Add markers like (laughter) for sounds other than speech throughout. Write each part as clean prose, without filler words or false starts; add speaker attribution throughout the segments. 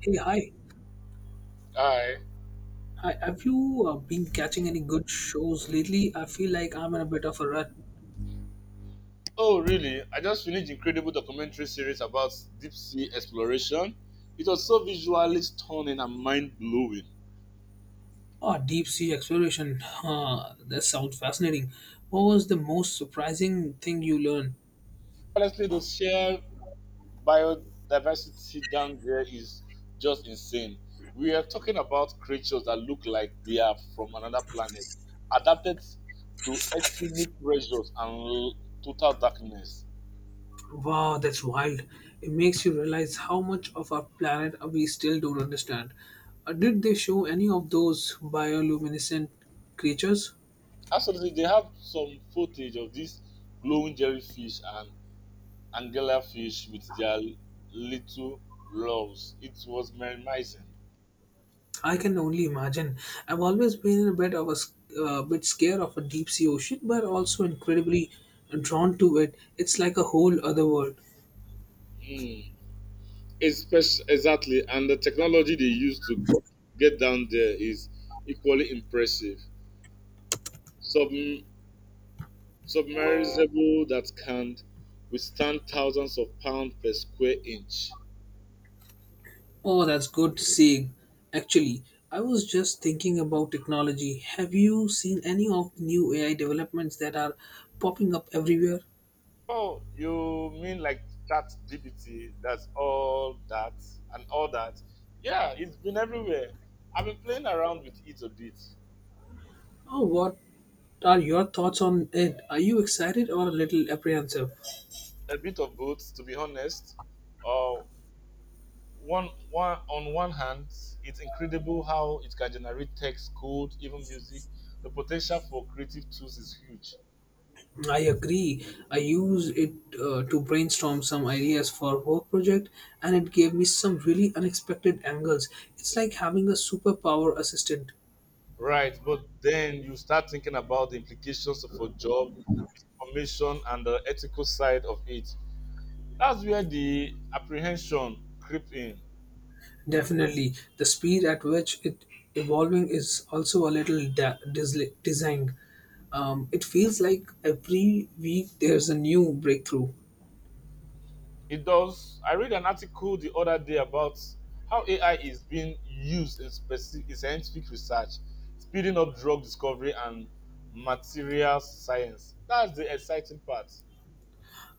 Speaker 1: Hey, hi.
Speaker 2: Hi.
Speaker 1: Hi. Have you been catching any good shows lately? I feel like I'm in a bit of a rut.
Speaker 2: Oh, really? I just finished incredible documentary series about deep sea exploration. It was so visually stunning and mind blowing.
Speaker 1: Oh, deep sea exploration. Huh, that sounds fascinating. What was the most surprising thing you learned?
Speaker 2: Honestly, the sheer biodiversity down there is just insane. We are talking about creatures that look like they are from another planet, adapted to extreme pressures and total darkness.
Speaker 1: Wow, that's wild. It makes you realize how much of our planet we still don't understand. Did they show any of those bioluminescent creatures?
Speaker 2: Absolutely, they have some footage of these glowing jellyfish and anglerfish with their little loves. It was mesmerizing.
Speaker 1: I can only imagine. I've always been a bit of a bit scared of a deep sea ocean, but also incredibly drawn to it. It's like a whole other world.
Speaker 2: Mm, exactly, and the technology they use to get down there is equally impressive. Sub- submersible that can withstand thousands of pounds per square inch.
Speaker 1: Oh, that's good seeing. Actually, I was just thinking about technology. Have you seen any of the new AI developments that are popping up everywhere?
Speaker 2: Oh, you mean like that DBT? That's all that and all that. Yeah, it's been everywhere. I've been playing around with it a bit.
Speaker 1: Oh, what are your thoughts on it? Are you excited or a little apprehensive?
Speaker 2: A bit of both, to be honest. Uh, on one hand, it's incredible how it can generate text, code, even music. The potential for creative tools is huge,
Speaker 1: I agree. I use it to brainstorm some ideas for work project, and it gave me some really unexpected angles. It's like having a superpower assistant.
Speaker 2: right? But then you start thinking about the implications for job, formation, and the ethical side of it. That's where the apprehension creep in.
Speaker 1: Definitely, the speed at which it evolving is also a little designed. It feels like every week there's a new breakthrough.
Speaker 2: It does. I read an article the other day about how AI is being used in, specific, in scientific research, speeding up drug discovery and material science. That's the exciting part.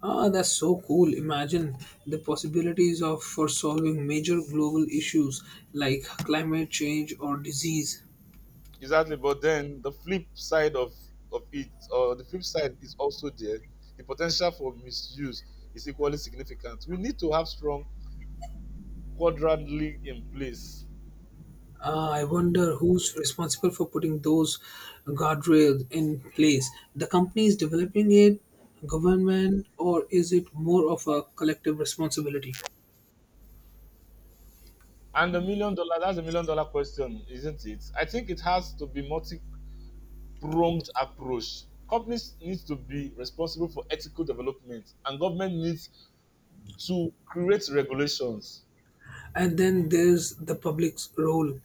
Speaker 1: Ah, that's so cool. Imagine the possibilities of for solving major global issues like climate change or disease.
Speaker 2: Exactly, but then the flip side of it, or the flip side is also there. The potential for misuse is equally significant. We need to have strong quadrant league in place.
Speaker 1: I wonder who's responsible for putting those guardrails in place. The company is developing it, government, or is it more of a collective responsibility?
Speaker 2: And the million dollar, that's a million dollar question, isn't it? I think it has to be multi pronged approach. Companies need to be responsible for ethical development, and government needs to create regulations.
Speaker 1: And then there's the public's role,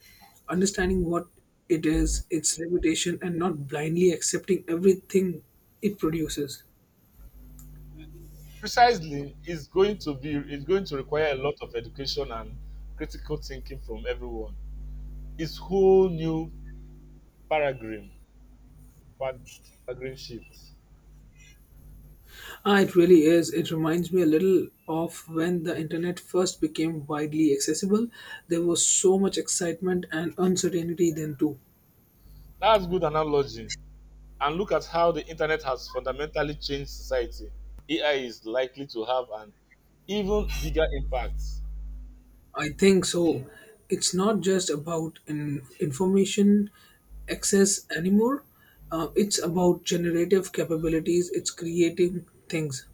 Speaker 1: understanding what it is, its reputation, and not blindly accepting everything it produces.
Speaker 2: Precisely, it's going to require a lot of education and critical thinking from everyone. It's whole new paradigm, pad- paradigm shift.
Speaker 1: Ah, it really is. It reminds me a little of when the internet first became widely accessible. There was so much excitement and uncertainty then, too.
Speaker 2: That's good analogy. And look at how the internet has fundamentally changed society. AI is likely to have an even bigger impact.
Speaker 1: I think so. It's not just about in information access anymore. It's about generative capabilities. It's creating things.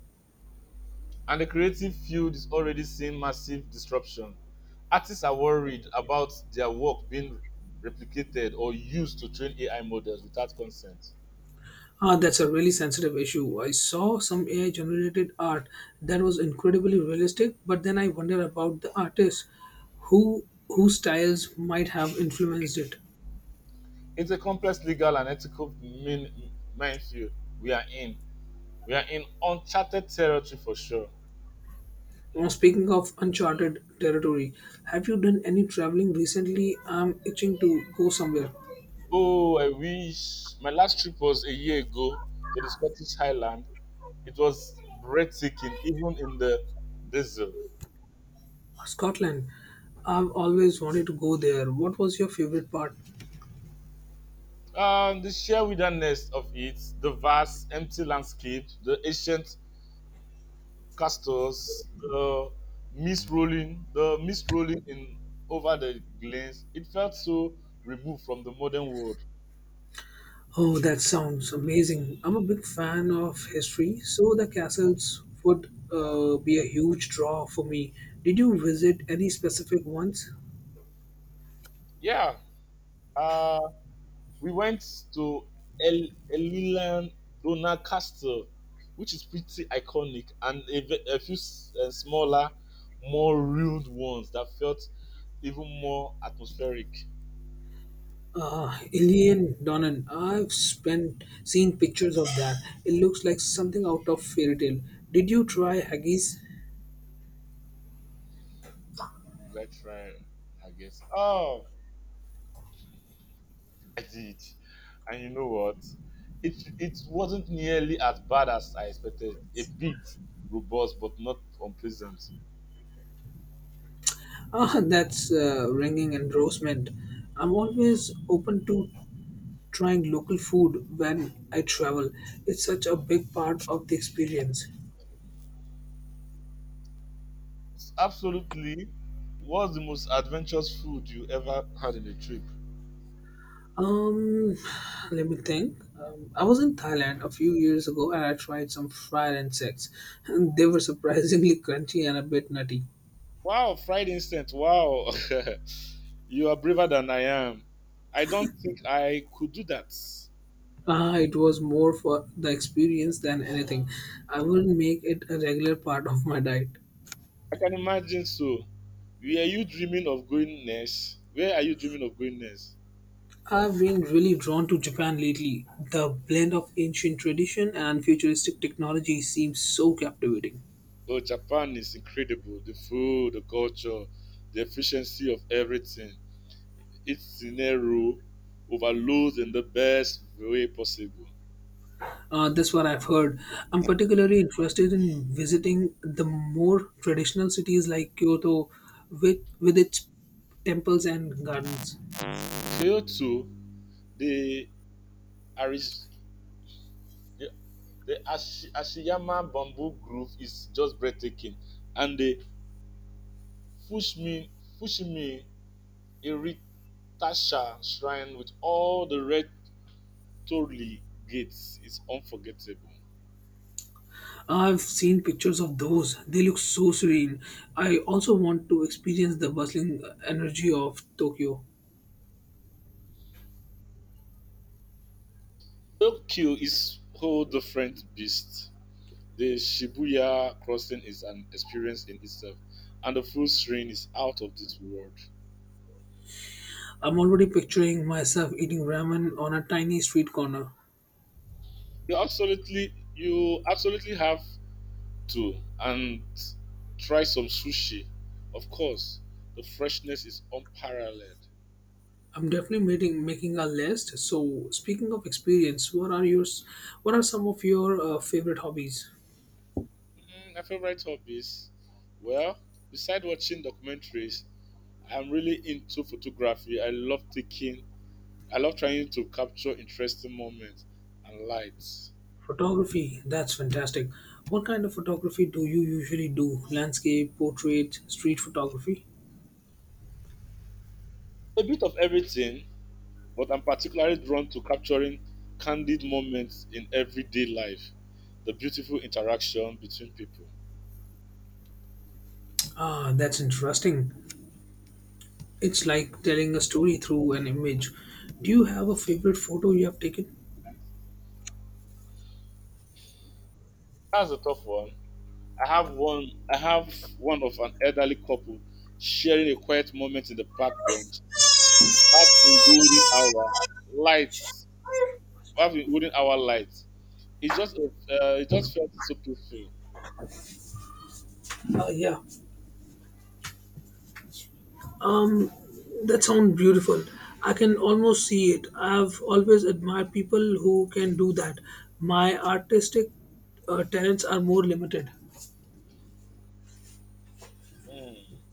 Speaker 2: And the creative field is already seeing massive disruption. Artists are worried about their work being replicated or used to train AI models without consent.
Speaker 1: Ah, that's a really sensitive issue. I saw some AI generated art that was incredibly realistic, but then I wonder about the artist whose styles might have influenced it.
Speaker 2: It's a complex legal and ethical minefield we are in. We are in uncharted territory for sure.
Speaker 1: Now, speaking of uncharted territory, have you done any traveling recently? I'm itching to go somewhere.
Speaker 2: Oh, I wish my last trip was a year ago to the Scottish Highland. It was breathtaking, even in the diesel.
Speaker 1: Scotland. I've always wanted to go there. What was your favorite part?
Speaker 2: The sheer wilderness of it, the vast empty landscape, the ancient castles, the mist rolling in over the glens. It felt so removed from the modern world.
Speaker 1: Oh, that sounds amazing. I'm a big fan of history, so the castles would be a huge draw for me. Did you visit any specific ones?
Speaker 2: Yeah, uh, we went to El Elilan Dona Castle, which is pretty iconic, and a, a few smaller, more ruined ones that felt even more atmospheric.
Speaker 1: Ilian Donnan. I've spent seen pictures of that. It looks like something out of fairy tale. Did you try haggis?
Speaker 2: That's right. I guess. Oh, I did. And you know what? It wasn't nearly as bad as I expected. A bit robust, but not unpleasant.
Speaker 1: Ah, (laughs) that's ringing endorsement. I'm always open to trying local food when I travel. It's such a big part of the experience.
Speaker 2: It's absolutely was the most adventurous food you ever had in a trip.
Speaker 1: Um, Let me think. I was in Thailand a few years ago and I tried some fried insects, and they were surprisingly (laughs) crunchy and a bit nutty.
Speaker 2: Wow, fried instant. Wow. (laughs) You are braver than I am. I don't think I could do that.
Speaker 1: Ah, it was more for the experience than anything. I wouldn't make it a regular part of my diet.
Speaker 2: I can imagine so. Were you dreaming of going next? Where are you dreaming of going next?
Speaker 1: I've been really drawn to Japan lately. The blend of ancient tradition and futuristic technology seems so captivating.
Speaker 2: Oh, Japan is incredible, the food, the culture, the efficiency of everything, its scenario overloads in the best way possible.
Speaker 1: That's what I've heard. I'm particularly interested in visiting the more traditional cities like Kyoto with its temples and gardens.
Speaker 2: So too, the Aris, the, the Ashi, Ashiyama Bamboo Grove is just breathtaking, and the Fushimi Fushimi Iritasha Shrine with all the red torii gates is unforgettable.
Speaker 1: I've seen pictures of those. They look so serene. I also want to experience the bustling energy of Tokyo.
Speaker 2: Tokyo is whole different beast. The Shibuya crossing is an experience in itself, and the full strain is out of this world.
Speaker 1: I'm already picturing myself eating ramen on a tiny street corner.
Speaker 2: You absolutely have to and try some sushi. Of course, the freshness is unparalleled.
Speaker 1: I'm definitely making a list. So, speaking of experience, what are yours? What are some of your favorite hobbies?
Speaker 2: Mm, my favorite hobbies, well, beside watching documentaries, I'm really into photography. I love trying to capture interesting moments and lights.
Speaker 1: Photography, that's fantastic. What kind of photography do you usually do? Landscape, portrait, street photography?
Speaker 2: A bit of everything, but I'm particularly drawn to capturing candid moments in everyday life, the beautiful interaction between people.
Speaker 1: Ah, that's interesting. It's like telling a story through an image. Do you have a favorite photo you have taken?
Speaker 2: That's a tough one. I have one of an elderly couple sharing a quiet moment in the park bench. That in golden hour lights, having golden hour lights. It just felt so peaceful.
Speaker 1: Yeah. Um, that sounds beautiful. I can almost see it. I've always admired people who can do that. My artistic talents are more limited.
Speaker 2: Mm.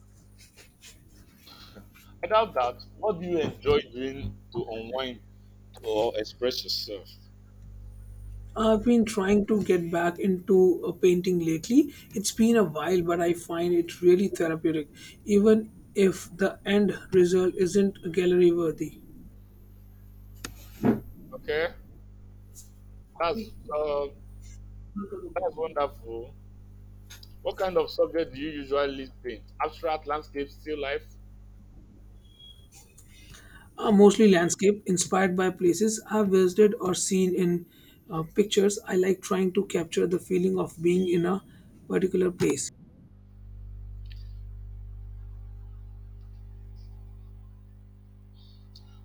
Speaker 2: Without that, what do you enjoy doing to unwind or express yourself?
Speaker 1: I've been trying to get back into painting lately. It's been a while, but I find it really therapeutic, even if the end result isn't gallery worthy.
Speaker 2: Okay, that's uh, that's wonderful. What kind of subject do you usually paint? Abstract, landscape, still life?
Speaker 1: Mostly landscape, inspired by places I've visited or seen in pictures. I like trying to capture the feeling of being in a particular place.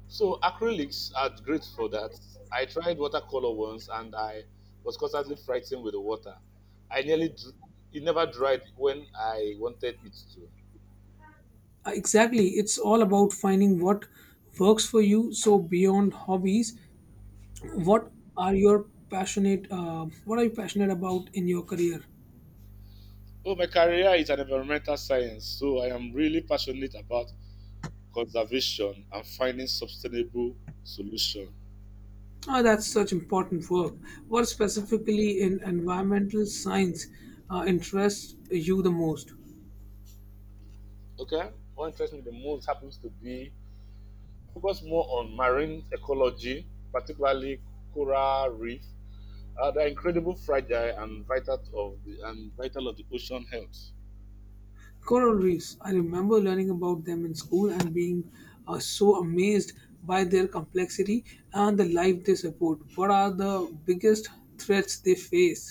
Speaker 2: So acrylics are great for that. I tried watercolor once and I was constantly frightened with the water. I nearly dr- it never dried when I wanted it to.
Speaker 1: Exactly, it's all about finding what works for you. So, beyond hobbies, what what are you passionate about in your career?
Speaker 2: Oh, my career is an environmental science, so I am really passionate about conservation and finding sustainable solution.
Speaker 1: Ah, that's such important work. What specifically in environmental science interests you the most?
Speaker 2: Okay, what interests me the most happens to be focus more on marine ecology, particularly coral reef, the incredible fragile and vital of the ocean health.
Speaker 1: Coral reefs, I remember learning about them in school and being so amazed by their complexity and the life they support. What are the biggest threats they face?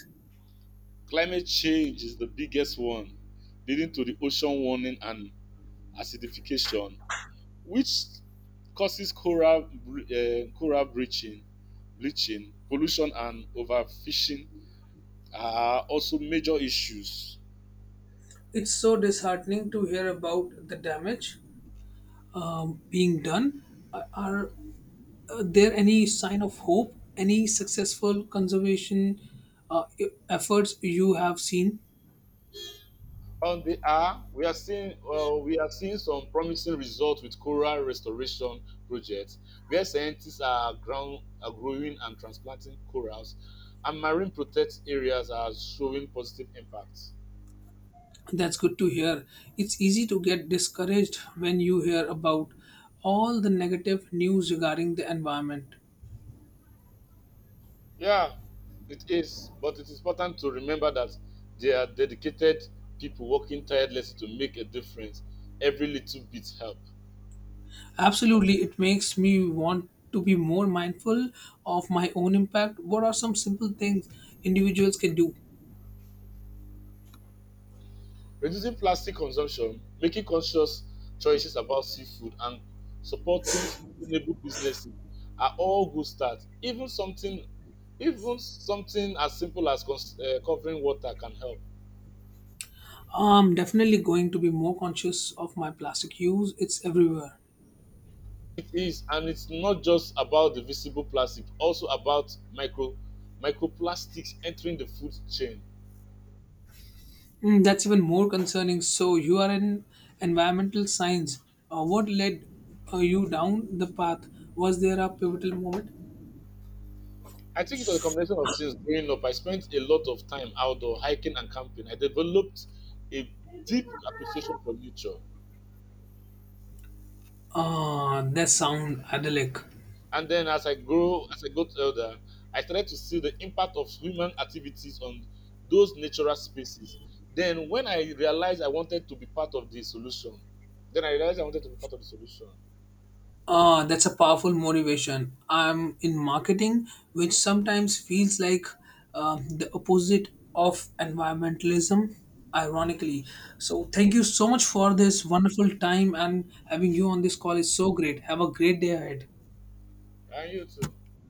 Speaker 2: Climate change is the biggest one, leading to the ocean warming and acidification, which causes coral bleaching, pollution, and overfishing are also major issues.
Speaker 1: It's so disheartening to hear about the damage being done. Are there any sign of hope, any successful conservation efforts you have seen?
Speaker 2: On the hour, we are seeing some promising results with coral restoration projects, where scientists are ground are growing and transplanting corals, and marine protected areas are showing positive impacts.
Speaker 1: That's good to hear. It's easy to get discouraged when you hear about all the negative news regarding the environment.
Speaker 2: Yeah, it is, but it is important to remember that there are dedicated people working tirelessly to make a difference. Every little bit helps.
Speaker 1: Absolutely, it makes me want to be more mindful of my own impact. What are some simple things individuals can do?
Speaker 2: Reducing plastic consumption, making conscious choices about seafood, and supporting sustainable businesses are all good starts. Even something as simple as covering water can help.
Speaker 1: I'm definitely going to be more conscious of my plastic use, it's everywhere.
Speaker 2: It is, and it's not just about the visible plastic, also about microplastics entering the food chain.
Speaker 1: Mm, that's even more concerning. So, you are in environmental science. What led you down the path? Was there a pivotal moment?
Speaker 2: I think it was a combination of things. Growing up, I spent a lot of time outdoor hiking and camping. I developed a deep appreciation for nature.
Speaker 1: Ah, that sound idyllic.
Speaker 2: And then as I got older, I started to see the impact of human activities on those natural spaces. Then when I realized I wanted to be part of the solution, then I realized I wanted to be part of the solution.
Speaker 1: Ah, that's a powerful motivation. I'm in marketing, which sometimes feels like the opposite of environmentalism, ironically. So, thank you so much for this wonderful time and having you on this call is so great. Have a great day ahead.
Speaker 2: And you too.